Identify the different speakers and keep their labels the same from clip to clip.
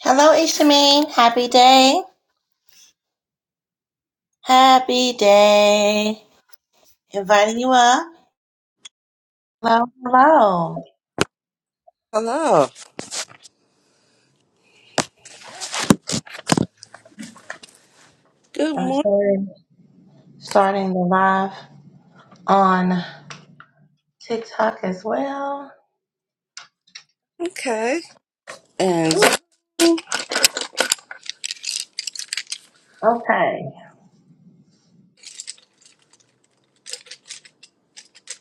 Speaker 1: Hello, Ishameen. Happy day. Happy day. Inviting you up. Hello, hello.
Speaker 2: Hello. Good
Speaker 1: I'm
Speaker 2: morning,
Speaker 1: starting, starting the live on TikTok as well.
Speaker 2: Kay. And
Speaker 1: Ooh, okay.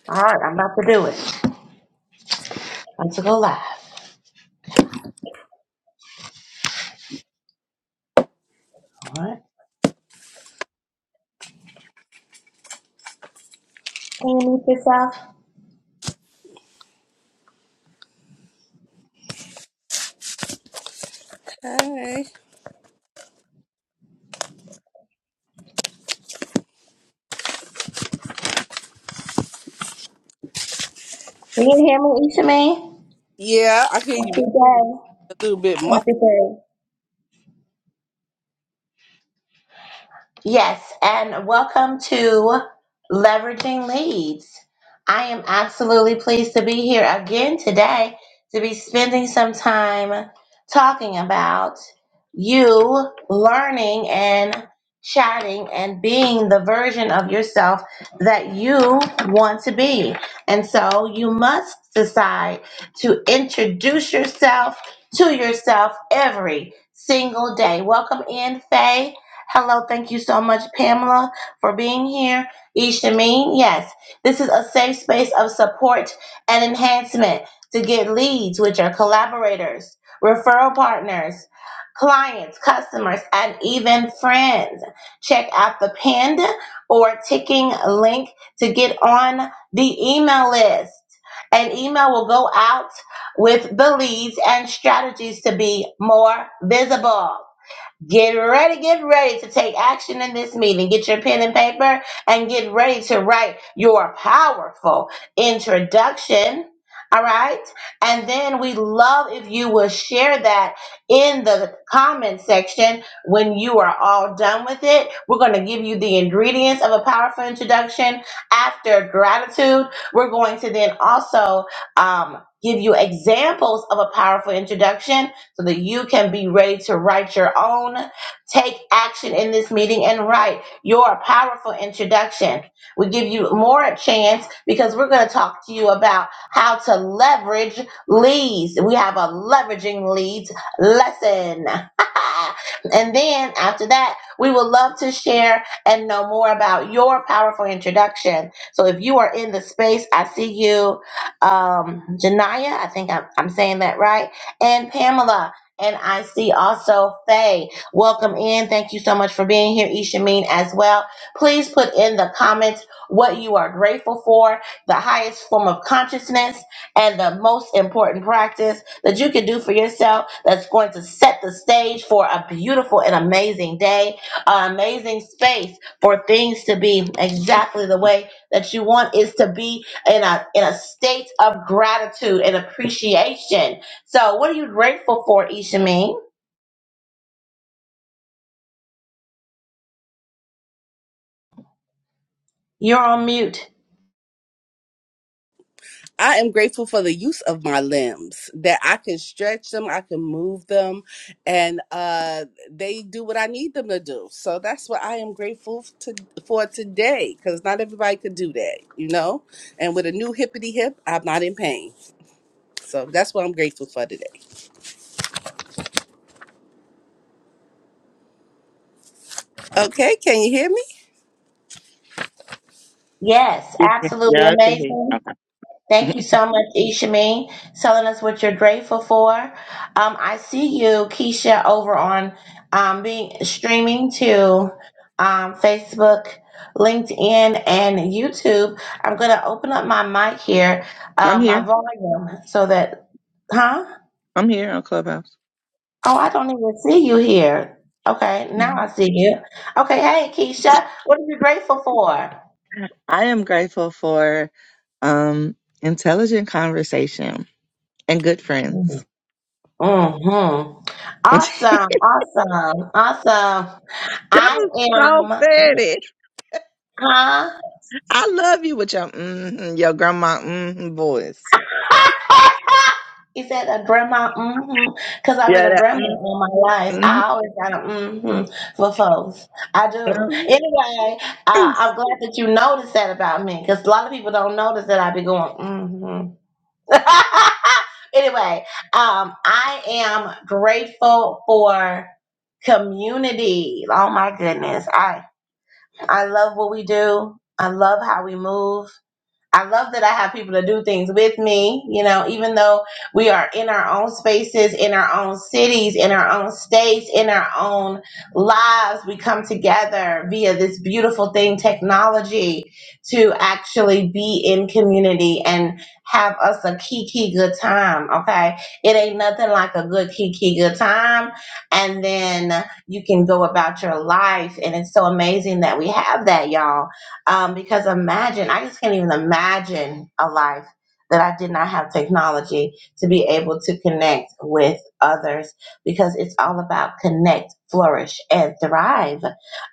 Speaker 1: All right, I'm about to do it. I'm to go live. All right. Can you mute yourself?
Speaker 2: hey.
Speaker 1: Can you hear me, Ishameen?
Speaker 2: Yeah, I hear you
Speaker 1: Happy day.
Speaker 2: a little bit
Speaker 1: Happy
Speaker 2: muffled.
Speaker 1: day. Yes, and welcome to Leveraging Leads. I am absolutely pleased to be here again today to be spending some time talking about you learning and chatting and being the version of yourself that you want to be. And so you must decide to introduce yourself to yourself every single day. Welcome in, Faye. Hello, thank you so much, Pamela, for being here. Ishameen, yes, this is a safe space of support and enhancement to get leads, which are collaborators, referral partners, clients, customers, and even friends. Check out the pinned or ticking link to get on the email list. An email will go out with the leads and strategies to be more visible. Get ready, get ready to take action in this meeting. Get your pen and paper and get ready to write your powerful introduction. All right. And then we love if you will share that in the comment section when you are all done with it. We're going to give you the ingredients of a powerful introduction after gratitude. We're going to then also um, give you examples of a powerful introduction so that you can be ready to write your own. Take action in this meeting and write your powerful introduction. We give you more a chance because we're going to talk to you about how to leverage leads. We have a leveraging leads lesson. and then after that, we would love to share and know more about your powerful introduction. So if you are in the space, I see you, um, Janaya. I think I'm, I'm saying that right and Pamela. And I see also Faye. Welcome in. Thank you so much for being here, Ishameen, as well. Please put in the comments what you are grateful for, the highest form of consciousness, and the most important practice that you can do for yourself that's going to set the stage for a beautiful and amazing day, an amazing space for things to be exactly the way that you want is to be in a in a state of gratitude and appreciation so, what are you grateful for, Ishameen? You're on mute.
Speaker 2: I am grateful for the use of my limbs that I can stretch them, I can move them, and uh, they do what I need them to do. So that's what I am grateful to, for today because not everybody could do that, you know? And with a new hippity hip, I'm not in pain. So that's what I'm grateful for today. Okay, can you hear me?
Speaker 1: Yes,
Speaker 3: You can-
Speaker 1: absolutely
Speaker 3: Yeah, I can hear you.
Speaker 1: amazing.
Speaker 3: Okay.
Speaker 1: Thank you so much, Ishameen, telling us what you're grateful for. Um, I see you, Keisha, over on um, being streaming to um, Facebook, LinkedIn, and YouTube. I'm going to open up my mic here,
Speaker 3: I'm
Speaker 1: uh, my
Speaker 3: here.
Speaker 1: volume, so that, huh?
Speaker 3: I'm here on Clubhouse.
Speaker 1: Oh, I don't even see you here. Okay, now
Speaker 3: Mhm.
Speaker 1: I see you. Okay, hey Keisha, what are you grateful for?
Speaker 3: I am grateful for um intelligent conversation and good friends.
Speaker 1: Mm-hmm. Awesome, awesome, awesome.
Speaker 3: that
Speaker 1: I
Speaker 3: was so
Speaker 1: am,
Speaker 3: petty.
Speaker 1: huh?
Speaker 3: I love you with your mm your grandma mm voice.
Speaker 1: Is that a grandma? Mm-hmm. Because I've been
Speaker 3: Yeah,
Speaker 1: a
Speaker 3: that
Speaker 1: grandma
Speaker 3: mm
Speaker 1: all my life. I
Speaker 3: mhm,
Speaker 1: always got a mm-hmm for folks. I do.
Speaker 3: mhm.
Speaker 1: Anyway, uh, I'm glad that you noticed that about me because a lot of people don't notice that I be going mm-hmm. anyway, um, I am grateful for community. Oh my goodness. I I love what we do. I love how we move. I love that I have people to do things with me. You know, even though we are in our own spaces, in our own cities, in our own states, in our own lives, we come together via this beautiful thing, technology, to actually be in community and have us a kiki good time. Okay. It ain't nothing like a good kiki good time. And then you can go about your life. And it's so amazing that we have that, y'all um, because imagine, I just can't even imagine a life that I did not have technology to be able to connect with others because it's all about connect, flourish, and thrive.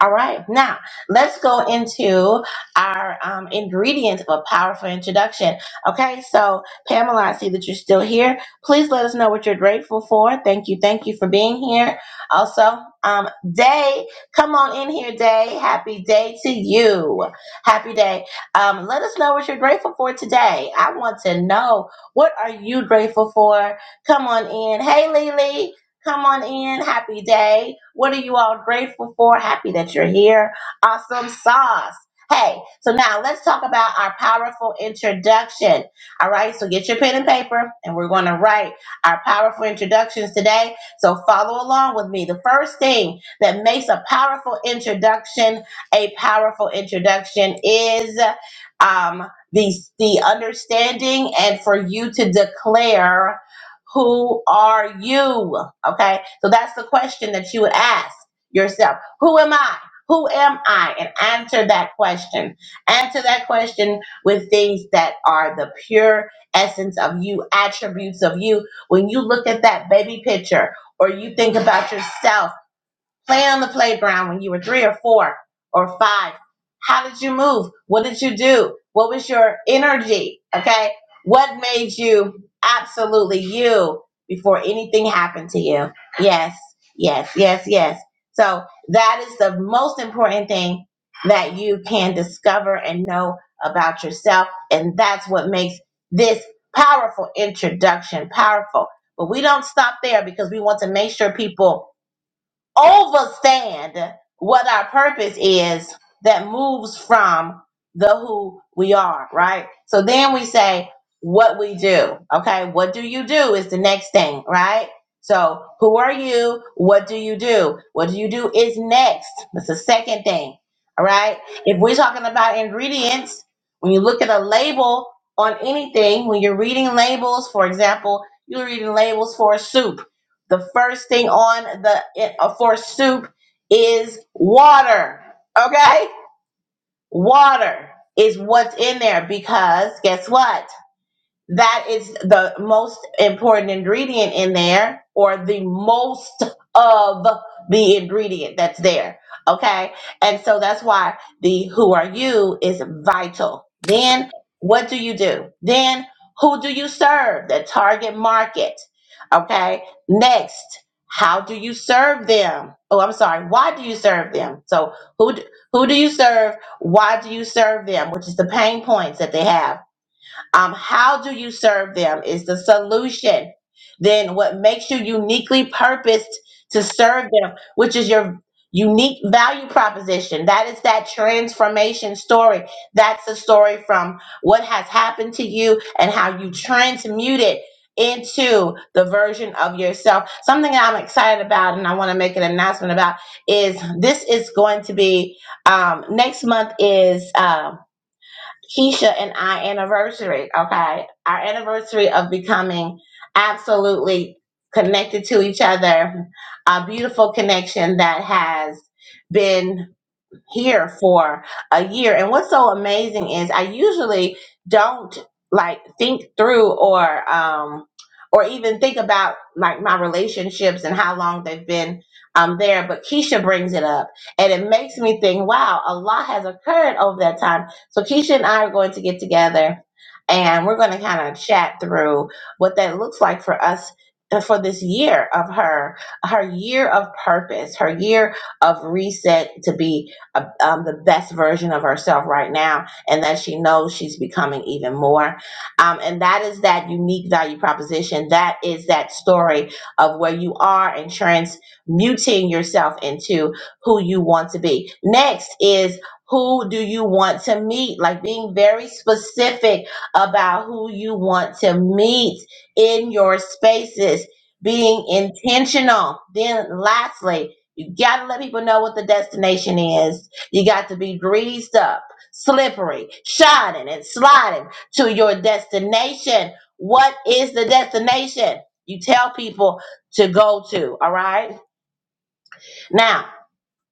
Speaker 1: All right, now let's go into our um, ingredient of a powerful introduction. Okay, so Pamela, I see that you're still here. Please let us know what you're grateful for. Thank you, thank you for being here. Also, um, Day, come on in here, Day. Happy day to you. Happy day. Um, let us know what you're grateful for today. I want to know what are you grateful for? Come on in. Hey, Lily. Come on in. Happy day. What are you all grateful for? Happy that you're here. Awesome sauce. Hey, so now let's talk about our powerful introduction. All right, so get your pen and paper, and we're going to write our powerful introductions today. So follow along with me. The first thing that makes a powerful introduction a powerful introduction is um, the, the understanding and for you to declare who are you okay so that's the question that you would ask yourself who am i who am i and answer that question answer that question with things that are the pure essence of you attributes of you when you look at that baby picture or you think about yourself play on the playground when you were three or four or five? How did you move? What did you do? What was your energy? Okay. What made you absolutely you before anything happened to you? Yes, yes, yes, yes. So that is the most important thing that you can discover and know about yourself. And that's what makes this powerful introduction powerful. But we don't stop there because we want to make sure people overstand what our purpose is that moves from the who we are, right? So then we say what we do. Okay, what do you do is the next thing, right? So who are you? What do you do? What do you do is next. That's the second thing. All right. If we're talking about ingredients, when you look at a label on anything, when you're reading labels, for example, you're reading labels for a soup the first thing on the uh, for soup is water. Okay? Water is what's in there because guess what? that is the most important ingredient in there or the most of the ingredient that's there okay and so that's why the who are you is vital then what do you do then who do you serve the target market okay next how do you serve them oh i'm sorry why do you serve them so who do, who do you serve why do you serve them which is the pain points that they have um, how do you serve them is the solution. Then what makes you uniquely purposed to serve them, which is your unique value proposition. That is that transformation story. That's a story from what has happened to you and how you transmute it into the version of yourself. Something that I'm excited about and I want to make an announcement about is this is going to be um, next month is um, Keisha and I anniversary, okay? Our anniversary of becoming absolutely connected to each other, a beautiful connection that has been here for a year. And what's so amazing is I usually don't like think through or um or even think about like my relationships and how long they've been um there. But Keisha brings it up and it makes me think, wow, a lot has occurred over that time. So Keisha and I are going to get together and we're going to kind of chat through what that looks like for us uh, for this year of her her year of purpose her year of reset to be uh, um, the best version of herself right now and that she knows she's becoming even more um, and that is that unique value proposition that is that story of where you are and transmuting yourself into who you want to be next is who do you want to meet like being very specific about who you want to meet in your spaces being intentional then lastly you gotta let people know what the destination is you got to be greased up, slippery, shining and sliding to your destination. What is the destination you tell people to go to? All right. Now,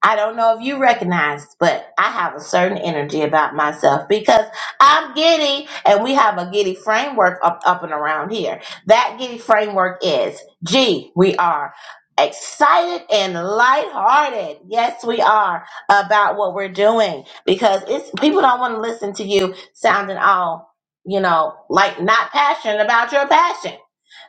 Speaker 1: I don't know if you recognize, but I have a certain energy about myself because I'm giddy, and we have a giddy framework up, up and around here. That giddy framework is G, we are excited and lighthearted. Yes, we are about what we're doing because it's people don't want to listen to you sounding all, you know, like not passionate about your passion.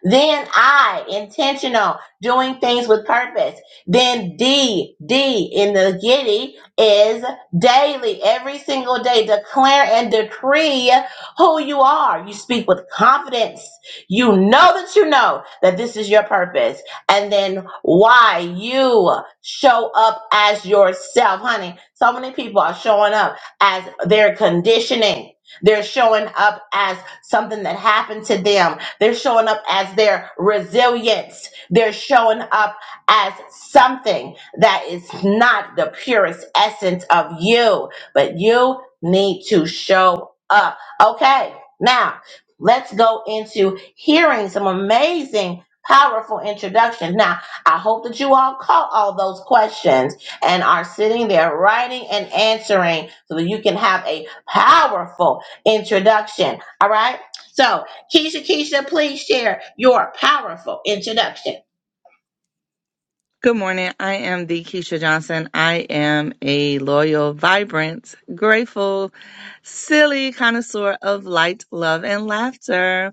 Speaker 1: Then I, intentional, doing things with purpose then D, D in the Giddy is daily, every single day, declare and decree who you are. You speak with confidence. You know that you know that this is your purpose. And then why you show up as yourself, honey. So many people are showing up as their conditioning. They're showing up as something that happened to them. They're showing up as their resilience. They're showing up as something that is not the purest essence of you, but you need to show up. Okay, now let's go into hearing some amazing. Powerful introductions. Now, I hope that you all caught all those questions and are sitting there writing and answering so that you can have a powerful introduction. All right. So, Keisha, Keisha, please share your powerful introduction.
Speaker 3: Good morning. I am the Keisha Johnson. I am a loyal, vibrant, grateful, silly connoisseur of light, love, and laughter.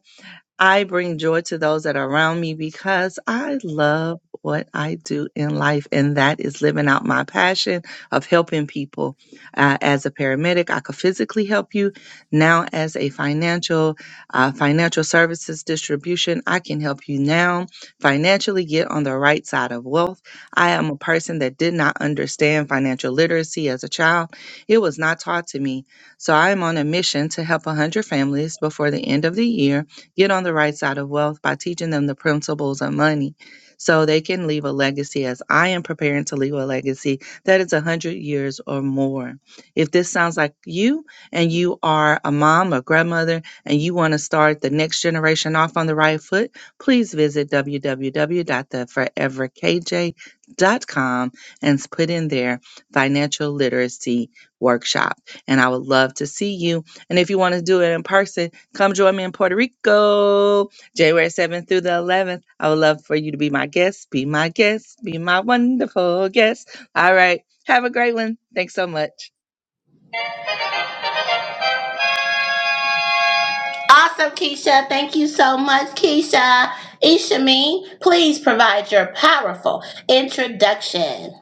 Speaker 3: I bring joy to those that are around me because I love what I do in life, and that is living out my passion of helping people. Uh, as a paramedic, I could physically help you. Now, as a financial uh, financial services distribution, I can help you now financially get on the right side of wealth. I am a person that did not understand financial literacy as a child; it was not taught to me. So, I am on a mission to help 100 families before the end of the year get on the right side of wealth by teaching them the principles of money so they can leave a legacy as I am preparing to leave a legacy that is 100 years or more. If this sounds like you and you are a mom or grandmother and you want to start the next generation off on the right foot, please visit w w w dot the forever k j dot com and put in there financial literacy workshop. And I would love to see you. And if you want to do it in person, Come join me in Puerto Rico, January 7th through the 11th. I would love for you to be my guest, be my guest, be my wonderful guest. All right. Have a great one. Thanks so much.
Speaker 1: Awesome, Keisha. Thank you so much, Keisha. Ishameen, please provide your powerful introduction.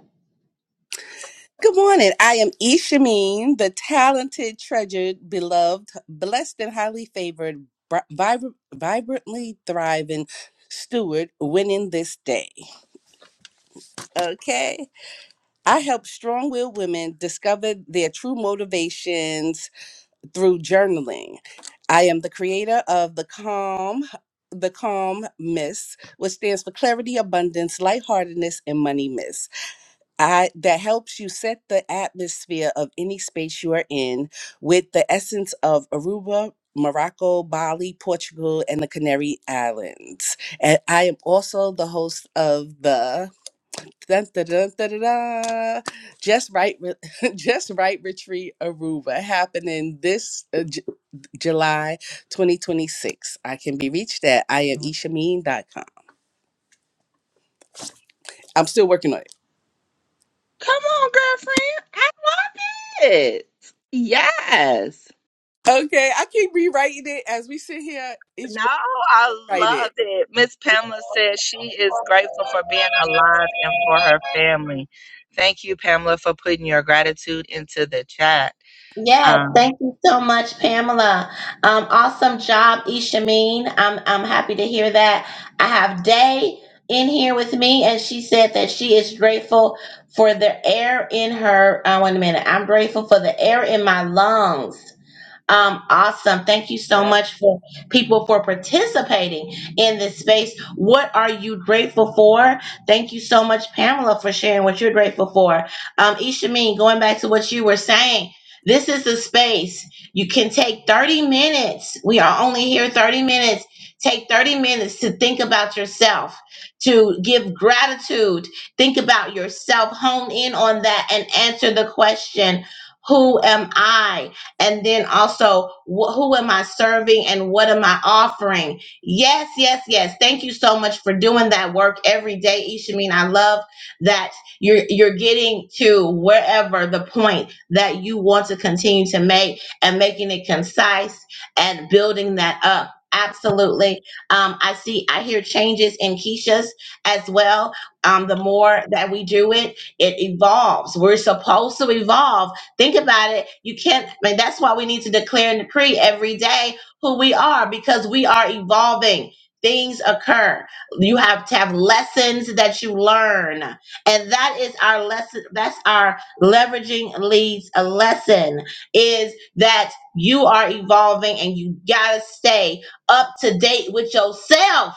Speaker 2: Good morning. I am Ishameen, the talented, treasured, beloved, blessed, and highly favored, bri- vibr- vibrantly thriving steward winning this day. Okay. I help strong willed women discover their true motivations through journaling. I am the creator of the Calm. The Calm Miss, which stands for Clarity, Abundance, Lightheartedness, and Money Miss. I that helps you set the atmosphere of any space you are in with the essence of Aruba, Morocco, Bali, Portugal, and the Canary Islands. And I am also the host of the dun, dun, dun, dun, dun, dun, just right Re- just right retreat Aruba happening this uh, J- July 2026. I can be reached at I am ishameen dot com. I'm still working on it.
Speaker 3: Come on, girlfriend. I love it. Yes.
Speaker 2: Okay, I keep rewriting it as we sit here each
Speaker 3: No,
Speaker 2: one
Speaker 3: I
Speaker 2: write it.
Speaker 3: love it. Miss Pamela says she is grateful for being alive and for her family. Thank you, Pamela, for putting your gratitude into the chat.
Speaker 1: Yeah, thank you so much, Pamela. Um, awesome job, Ishameen. I'm I'm happy to hear that. I have Day in here with me, and she said that she is grateful for the air in her. Uh, wait a minute. I'm grateful for the air in my lungs. Um, awesome. Thank you so much for people for participating in this space. What are you grateful for? Thank you so much, Pamela, for sharing what you're grateful for. Um, Ishameen, going back to what you were saying, this is a space you can take 30 minutes. We are only here 30 minutes. Take 30 minutes to think about yourself, to give gratitude, think about yourself, hone in on that, and answer the question Who am I? And then also, wh- who am I serving and what am I offering? Yes, yes, yes. Thank you so much for doing that work every day, Ishameen. I love that you're you're getting to wherever the point that you want to continue to make and making it concise and building that up. Absolutely. Um, I see, I hear changes in Keisha's as well. Um, the more that we do it, it evolves. We're supposed to evolve Think about it. You can't, I mean, that's why we need to declare and decree every day who we are because we are evolving. Things occur. You have to have lessons that you learn. And that is our lesson. That's our leveraging leads a lesson is that you are evolving and you got to stay up to date with yourself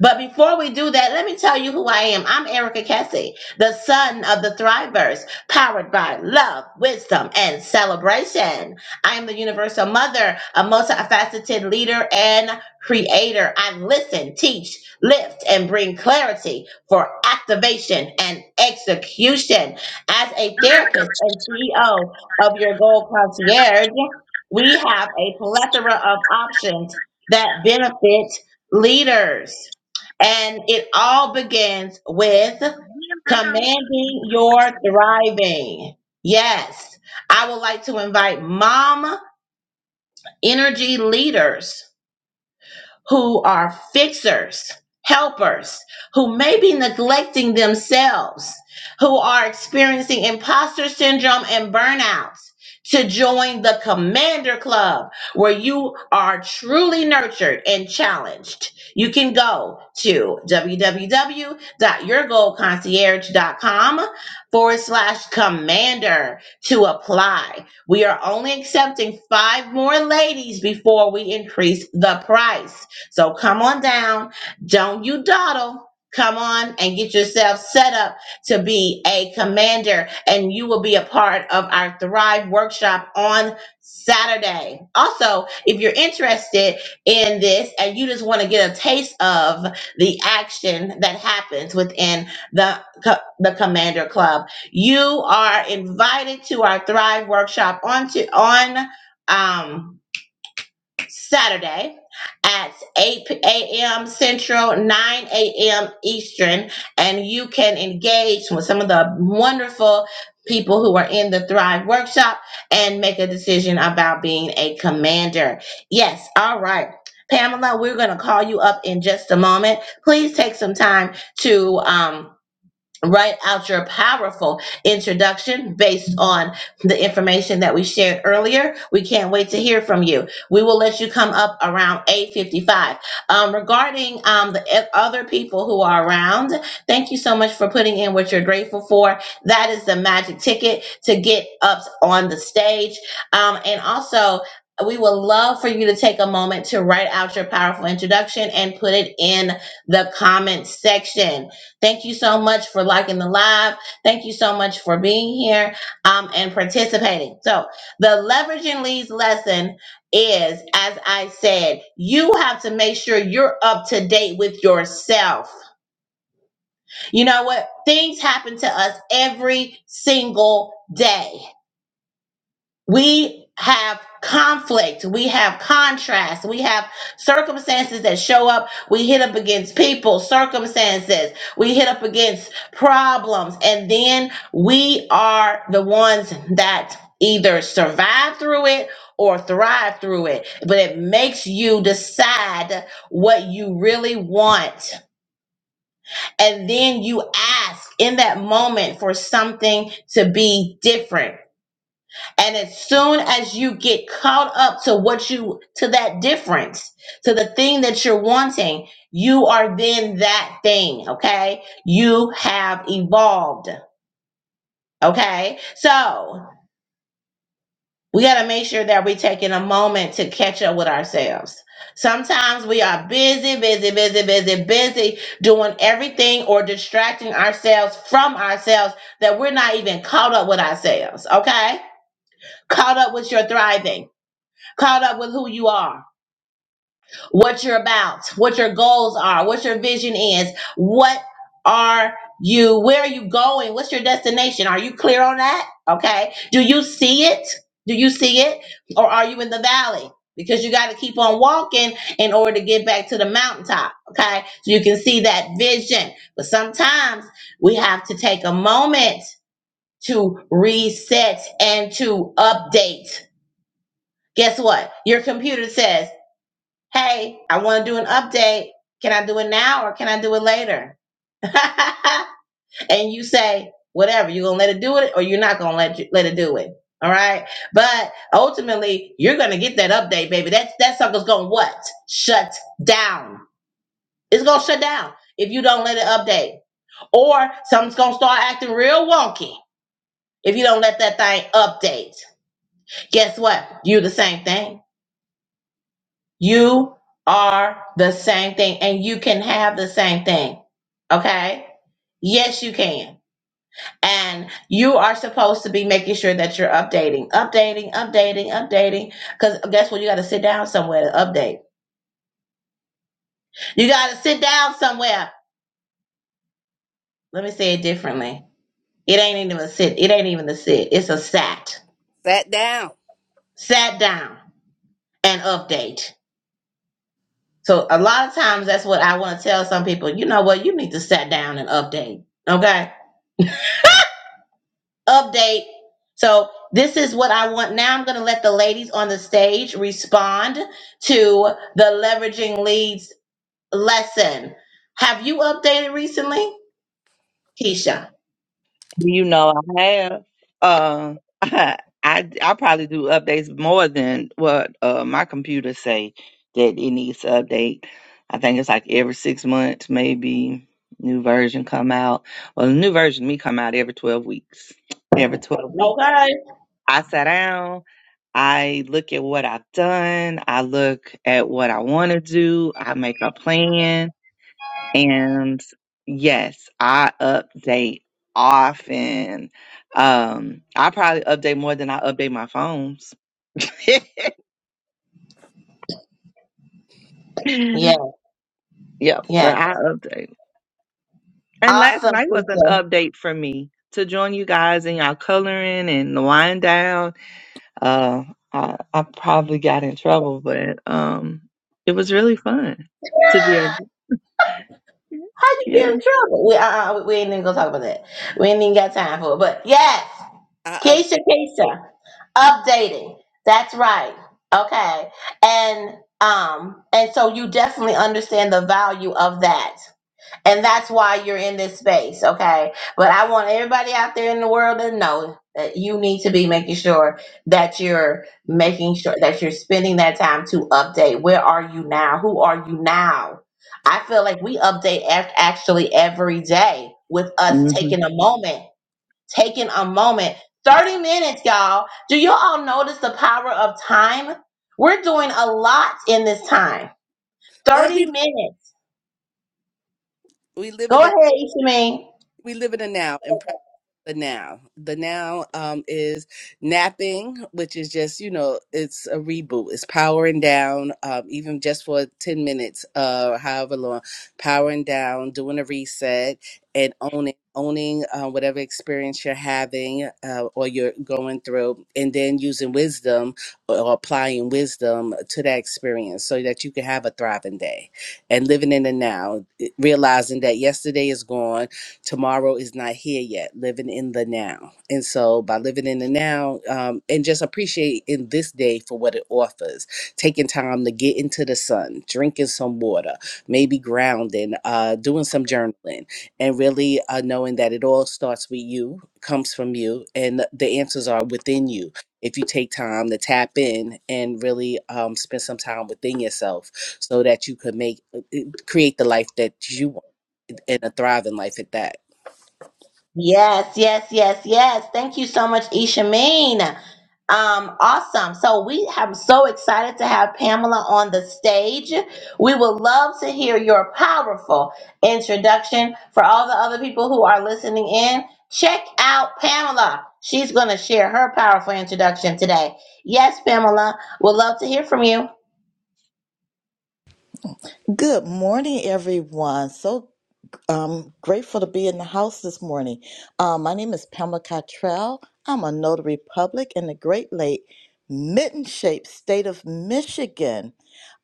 Speaker 1: but before we do that, let me tell you who I am. I'm Erica Kessie, the son of the Thrivers, powered by love, wisdom, and celebration. I am the universal mother, a multifaceted leader and creator. I listen, teach, lift, and bring clarity for activation and execution. As a therapist and CEO of your goal concierge, we have a plethora of options that benefit leaders. And it all begins with commanding your thriving. Yes, I would like to invite mom energy leaders who are fixers, helpers, who may be neglecting themselves, who are experiencing imposter syndrome and burnout, to join the Commander Club where you are truly nurtured and challenged. You can go to www.your goal concierge dot com forward slash commander to apply. We are only accepting five more ladies before we increase the price. So come on down. Don't you dawdle. Come on and get yourself set up to be a commander, and you will be a part of our Thrive workshop on Saturday. Also, if you're interested in this and you just want to get a taste of the action that happens within the, co- the Commander Club, you are invited to our Thrive workshop on, to, on um, Saturday at 8 a.m. Central, 9 a.m. Eastern, and you can engage with some of the wonderful people who are in the Thrive Workshop and make a decision about being a commander. Yes, all right. Pamela, we're going to call you up in just a moment. Please take some time to um, write out your powerful introduction based on the information that we shared earlier. We can't wait to hear from you. We will let you come up around 8:55. Um, regarding um, the e- other people who are around, thank you so much for putting in what you're grateful for. That is the magic ticket to get up on the stage. Um, and also, we would love for you to take a moment to write out your powerful introduction and put it in the comment section Thank you so much for liking the live. Thank you so much for being here um, and participating. So, the leveraging leads lesson is, as I said, you have to make sure you're up to date with yourself. You know what? Things happen to us every single day we have conflict we have contrast we have circumstances that show up we hit up against people circumstances we hit up against problems and then we are the ones that either survive through it or thrive through it but it makes you decide what you really want and then you ask in that moment for something to be different and as soon as you get caught up to what you, to that difference, to the thing that you're wanting, you are then that thing, okay? You have evolved, okay? So we got to make sure that we're taking a moment to catch up with ourselves. Sometimes we are busy, busy, busy, busy, busy doing everything or distracting ourselves from ourselves that we're not even caught up with ourselves, okay? Caught up with your thriving caught up with who you are, what you're about, what your goals are, what your vision is. What are you, where are you going? What's your destination? Are you clear on that? Okay. Do you see it? Do you see it? Or are you in the valley? Because you got to keep on walking in order to get back to the mountaintop. Okay. So you can see that vision. But sometimes we have to take a moment to reset and to update. Guess what? Your computer says, hey, I want to do an update. Can I do it now or can I do it later? and you say, whatever, you're going to let it do it or you're not going to let you, let it do it. All right. But ultimately, you're going to get that update, baby. That, that sucker's going to what? Shut down. It's going to shut down if you don't let it update. Or something's going to start acting real wonky if you don't let that thing update. Guess what? You the same thing. You are the same thing and you can have the same thing. Okay? Yes, you can. And you are supposed to be making sure that you're updating, updating, updating, updating. Because guess what? You got to sit down somewhere to update. You got to sit down somewhere. Let me say it differently. It ain't even a sit. It ain't even a sit. It's a sat.
Speaker 2: Sat down.
Speaker 1: Sat down and update. So a lot of times that's what I want to tell some people. You know what? You need to sat down and update. Okay update. So this is what I want. Now I'm going to let the ladies on the stage respond to the leveraging leads lesson. Have you updated recently, Keisha?
Speaker 3: You know, I have. Uh, I I probably do updates more than what uh, my computer say that it needs to update. I think it's like every six months, maybe new version come out. Well, the new version of me come out every twelve weeks. Every twelve weeks,
Speaker 1: Okay.
Speaker 3: I sit down. I look at what I've done. I look at what I want to do. I make a plan. And yes, I update often. Um, I probably update more than I update my phones. yep,
Speaker 1: Yeah, yeah.
Speaker 3: but I update. And last
Speaker 1: Awesome,
Speaker 3: night was an
Speaker 1: Keisha.
Speaker 3: update for me to join you guys in y'all coloring and the wind down. Uh, I, I probably got in trouble, but um, it was really fun to be able.
Speaker 1: How you
Speaker 3: Yeah.
Speaker 1: get in trouble? We uh, uh we ain't even gonna talk about that. We ain't even got time for it. But yes,
Speaker 2: I
Speaker 1: Keisha,
Speaker 2: update.
Speaker 1: Keisha. updating that's right okay and um and so you definitely understand the value of that and that's why you're in this space okay but i want everybody out there in the world to know that you need to be making sure that you're making sure that you're spending that time to update where are you now who are you now i feel like we update ac- actually every day with us
Speaker 3: hmm
Speaker 1: taking a moment taking a moment. 30 minutes, y'all. Do you all notice the power of time? We're doing a lot in this time.
Speaker 2: Well,
Speaker 1: 30
Speaker 2: we
Speaker 1: minutes.
Speaker 2: we live
Speaker 1: Go
Speaker 2: in
Speaker 1: ahead, Ishamine.
Speaker 2: we live in the now and practice the now. The now um, is napping, which is just you know it's a reboot. It's powering down, um, even just for ten minutes, uh, however long, powering down, doing a reset, and owning owning uh, whatever experience you're having uh, or you're going through, and then using wisdom or applying wisdom to that experience so that you can have a thriving day and living in the now, realizing that yesterday is gone tomorrow is not here yet living in the now and so by living in the now um, and just appreciate in this day for what it offers taking time to get into the sun drinking some water maybe grounding uh, doing some journaling and really uh, knowing that it all starts with you comes from you and the answers are within you if you take time to tap in and really um, spend some time within yourself so that you could make uh, create the life that you want and a thriving life at that
Speaker 1: Yes, yes, yes, yes. Thank you so much, Ishameen. Um, awesome. So we have so excited to have Pamela on the stage. We would love to hear your powerful introduction. For all the other people who are listening in, check out Pamela. She's going to share her powerful introduction today. Yes, Pamela, we would love to hear from you.
Speaker 4: Good morning, everyone. So um, grateful to be in the house this morning. Um, my name is Pamela Cottrell. I'm a notary public in the Great Lake Mitten Shaped State of Michigan.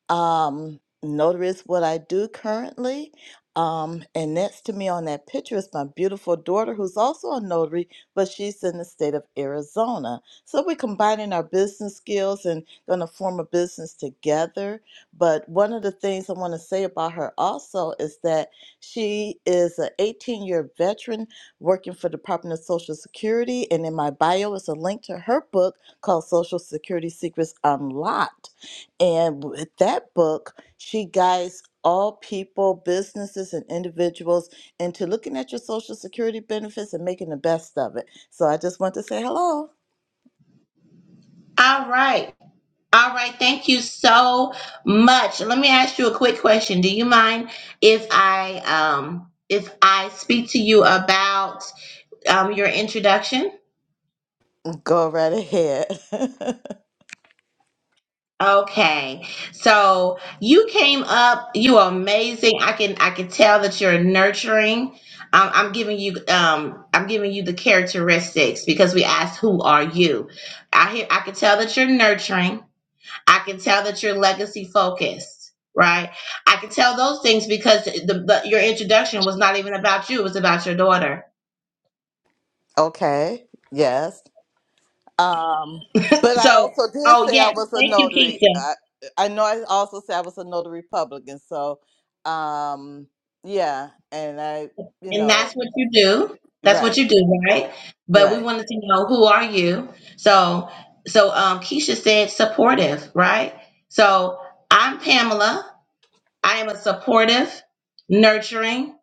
Speaker 4: Um, notary is what I do currently. Um, and next to me on that picture is my beautiful daughter, who's also a notary, but she's in the state of Arizona. So we're combining our business skills and going to form a business together. But one of the things I want to say about her also is that she is an 18 year veteran working for Department of Social Security. And in my bio is a link to her book called Social Security Secrets Unlocked and with that book, she guides all people, businesses, and individuals into looking at your Social Security benefits and making the best of it. So I just want to say hello.
Speaker 1: All right. All right, thank you so much. Let me ask you a quick question. Do you mind if I um if I speak to you about um your introduction?
Speaker 4: Go right ahead.
Speaker 1: Okay. So, you came up, you are amazing. I can I can tell that you're nurturing. Um, I'm giving you um I'm giving you the characteristics because we asked who are you? I hear I can tell that you're nurturing. I can tell that you're legacy focused, right? I can tell those things because the, the, your introduction was not even about you; it was about your daughter.
Speaker 4: okay. Yes. Um, but I
Speaker 1: So,
Speaker 4: also did
Speaker 1: oh
Speaker 4: say I
Speaker 1: yes,
Speaker 4: was a
Speaker 1: thank you,
Speaker 4: notary.
Speaker 1: Keisha,
Speaker 4: I, I know I also said I was a notary Republican. So, um, yeah. And I, you
Speaker 1: and
Speaker 4: know,
Speaker 1: that's what you do. That's what
Speaker 4: right,
Speaker 1: you do, right? But we
Speaker 4: right.
Speaker 1: wanted to know who are you. So, so um, Keisha said supportive, right? So I'm Pamela. I am a supportive, nurturing,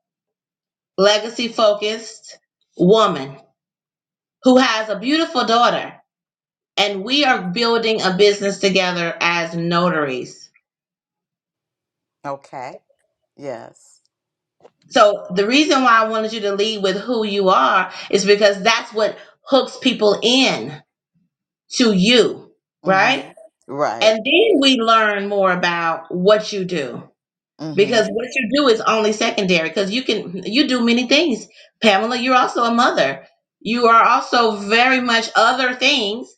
Speaker 1: legacy focused woman who has a beautiful daughter and we are building a business together as notaries.
Speaker 4: Okay. Yes.
Speaker 1: So the reason why I wanted you to lead with who you are is because that's what hooks people in to you, right?
Speaker 4: Mm-hmm.
Speaker 1: And
Speaker 4: Right.
Speaker 1: then we learn more about what you do because
Speaker 4: Mm-hmm.
Speaker 1: what you do is only secondary because you can you do many things. Pamela, you're also a mother. You are also very much other things.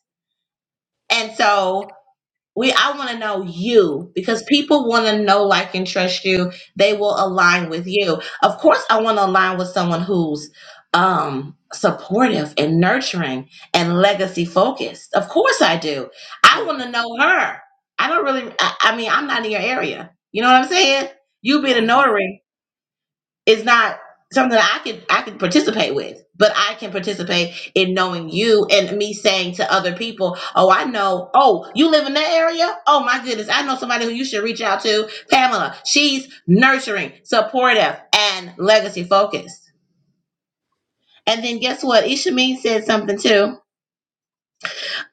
Speaker 1: And so we I want to know you because people want to know, like, and trust you. They will align with you. Of course, I want to align with someone who's um supportive and nurturing and legacy focused. Of course, I do. I want to know her. I don't really. I, I mean, I'm not in your area. You know what I'm saying? You be the
Speaker 4: Mm-hmm.
Speaker 1: notary. It's not something that I could I could participate with, but I can participate in knowing you and me saying to other people, "Oh, I know. Oh, you live in that area? Oh my goodness, I know somebody who you should reach out to, Pamela. She's nurturing, supportive, and legacy focused." And then guess what? Ishameen said something too.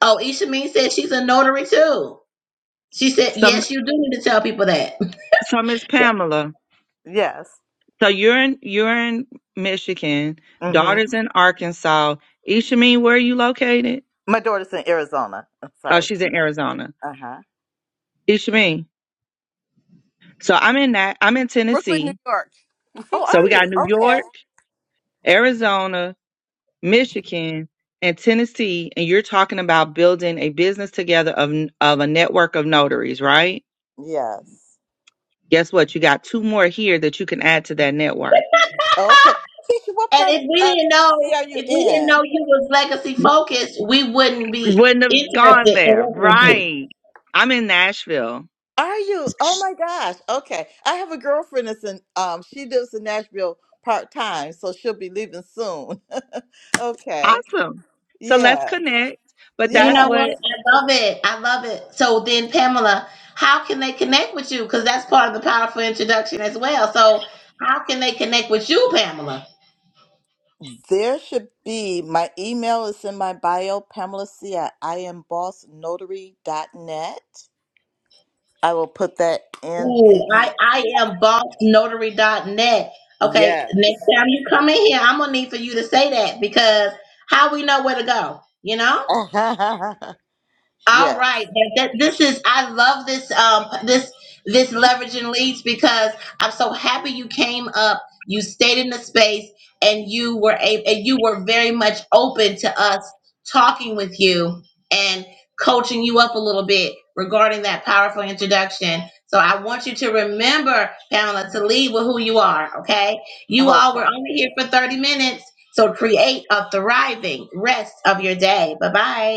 Speaker 1: Oh, Ishameen said she's a notary too. She said,
Speaker 3: Some
Speaker 1: "Yes, you do need to tell people that."
Speaker 3: some is Pamela.
Speaker 4: Yes.
Speaker 3: So you're in you're in Michigan,
Speaker 4: Mm-hmm.
Speaker 3: daughter's in Arkansas. Ishameen, where are you located?
Speaker 4: My daughter's in Arizona. I'm
Speaker 3: Oh,
Speaker 4: sorry.
Speaker 3: she's in Arizona.
Speaker 4: Uh-huh.
Speaker 3: Ishameen. So I'm in that I'm in Tennessee.
Speaker 4: Oh,
Speaker 3: So we
Speaker 4: are you?
Speaker 3: got New
Speaker 4: Okay.
Speaker 3: York, Arizona, Michigan, and Tennessee. And you're talking about building a business together of of a network of notaries, right?
Speaker 4: Yes.
Speaker 3: Guess what? You got two more here that you can add to that network.
Speaker 4: Okay. Keisha, what
Speaker 1: And
Speaker 4: part
Speaker 1: if
Speaker 4: of
Speaker 1: we
Speaker 4: uh,
Speaker 1: didn't
Speaker 4: Tennessee
Speaker 1: know,
Speaker 4: are you
Speaker 1: if we didn't
Speaker 4: in?
Speaker 1: know you was legacy focused, we wouldn't be
Speaker 3: Wouldn't have gone
Speaker 1: interested in
Speaker 3: there,
Speaker 1: working with you.
Speaker 3: right? I'm in Nashville.
Speaker 4: Are you? Oh my gosh. Okay. I have a girlfriend that's in um she lives in Nashville part time, so she'll be leaving soon. okay.
Speaker 3: Awesome. So let's
Speaker 4: Yes.
Speaker 3: connect. But
Speaker 1: You
Speaker 3: that's
Speaker 1: know
Speaker 4: Yes.
Speaker 1: what?
Speaker 3: what
Speaker 1: I love it. I love it. So then, Pamela, how can they connect with you? Because that's part of the powerful introduction as well. So how can they connect with you, Pamela?
Speaker 4: There should be. My email is in my bio, Pamela C at I am Boss Notary dot net. I will put that in
Speaker 1: Ooh,
Speaker 4: the
Speaker 1: I, I am boss notary dot net. Okay, next
Speaker 4: yes.
Speaker 1: time you come in here, I'm gonna need for you to say that because how we know where to go, you know? All
Speaker 4: yes.
Speaker 1: right. That, that- this is I love this um this this leveraging leads because I'm so happy you came up, you stayed in the space and you were a and you were very much open to us talking with you and coaching you up a little bit regarding that powerful introduction. So I want you to remember, Pamela, to lead with who you are, okay? You
Speaker 4: Okay.
Speaker 1: all were only here for 30 minutes. So create a thriving rest of your day. Bye-bye.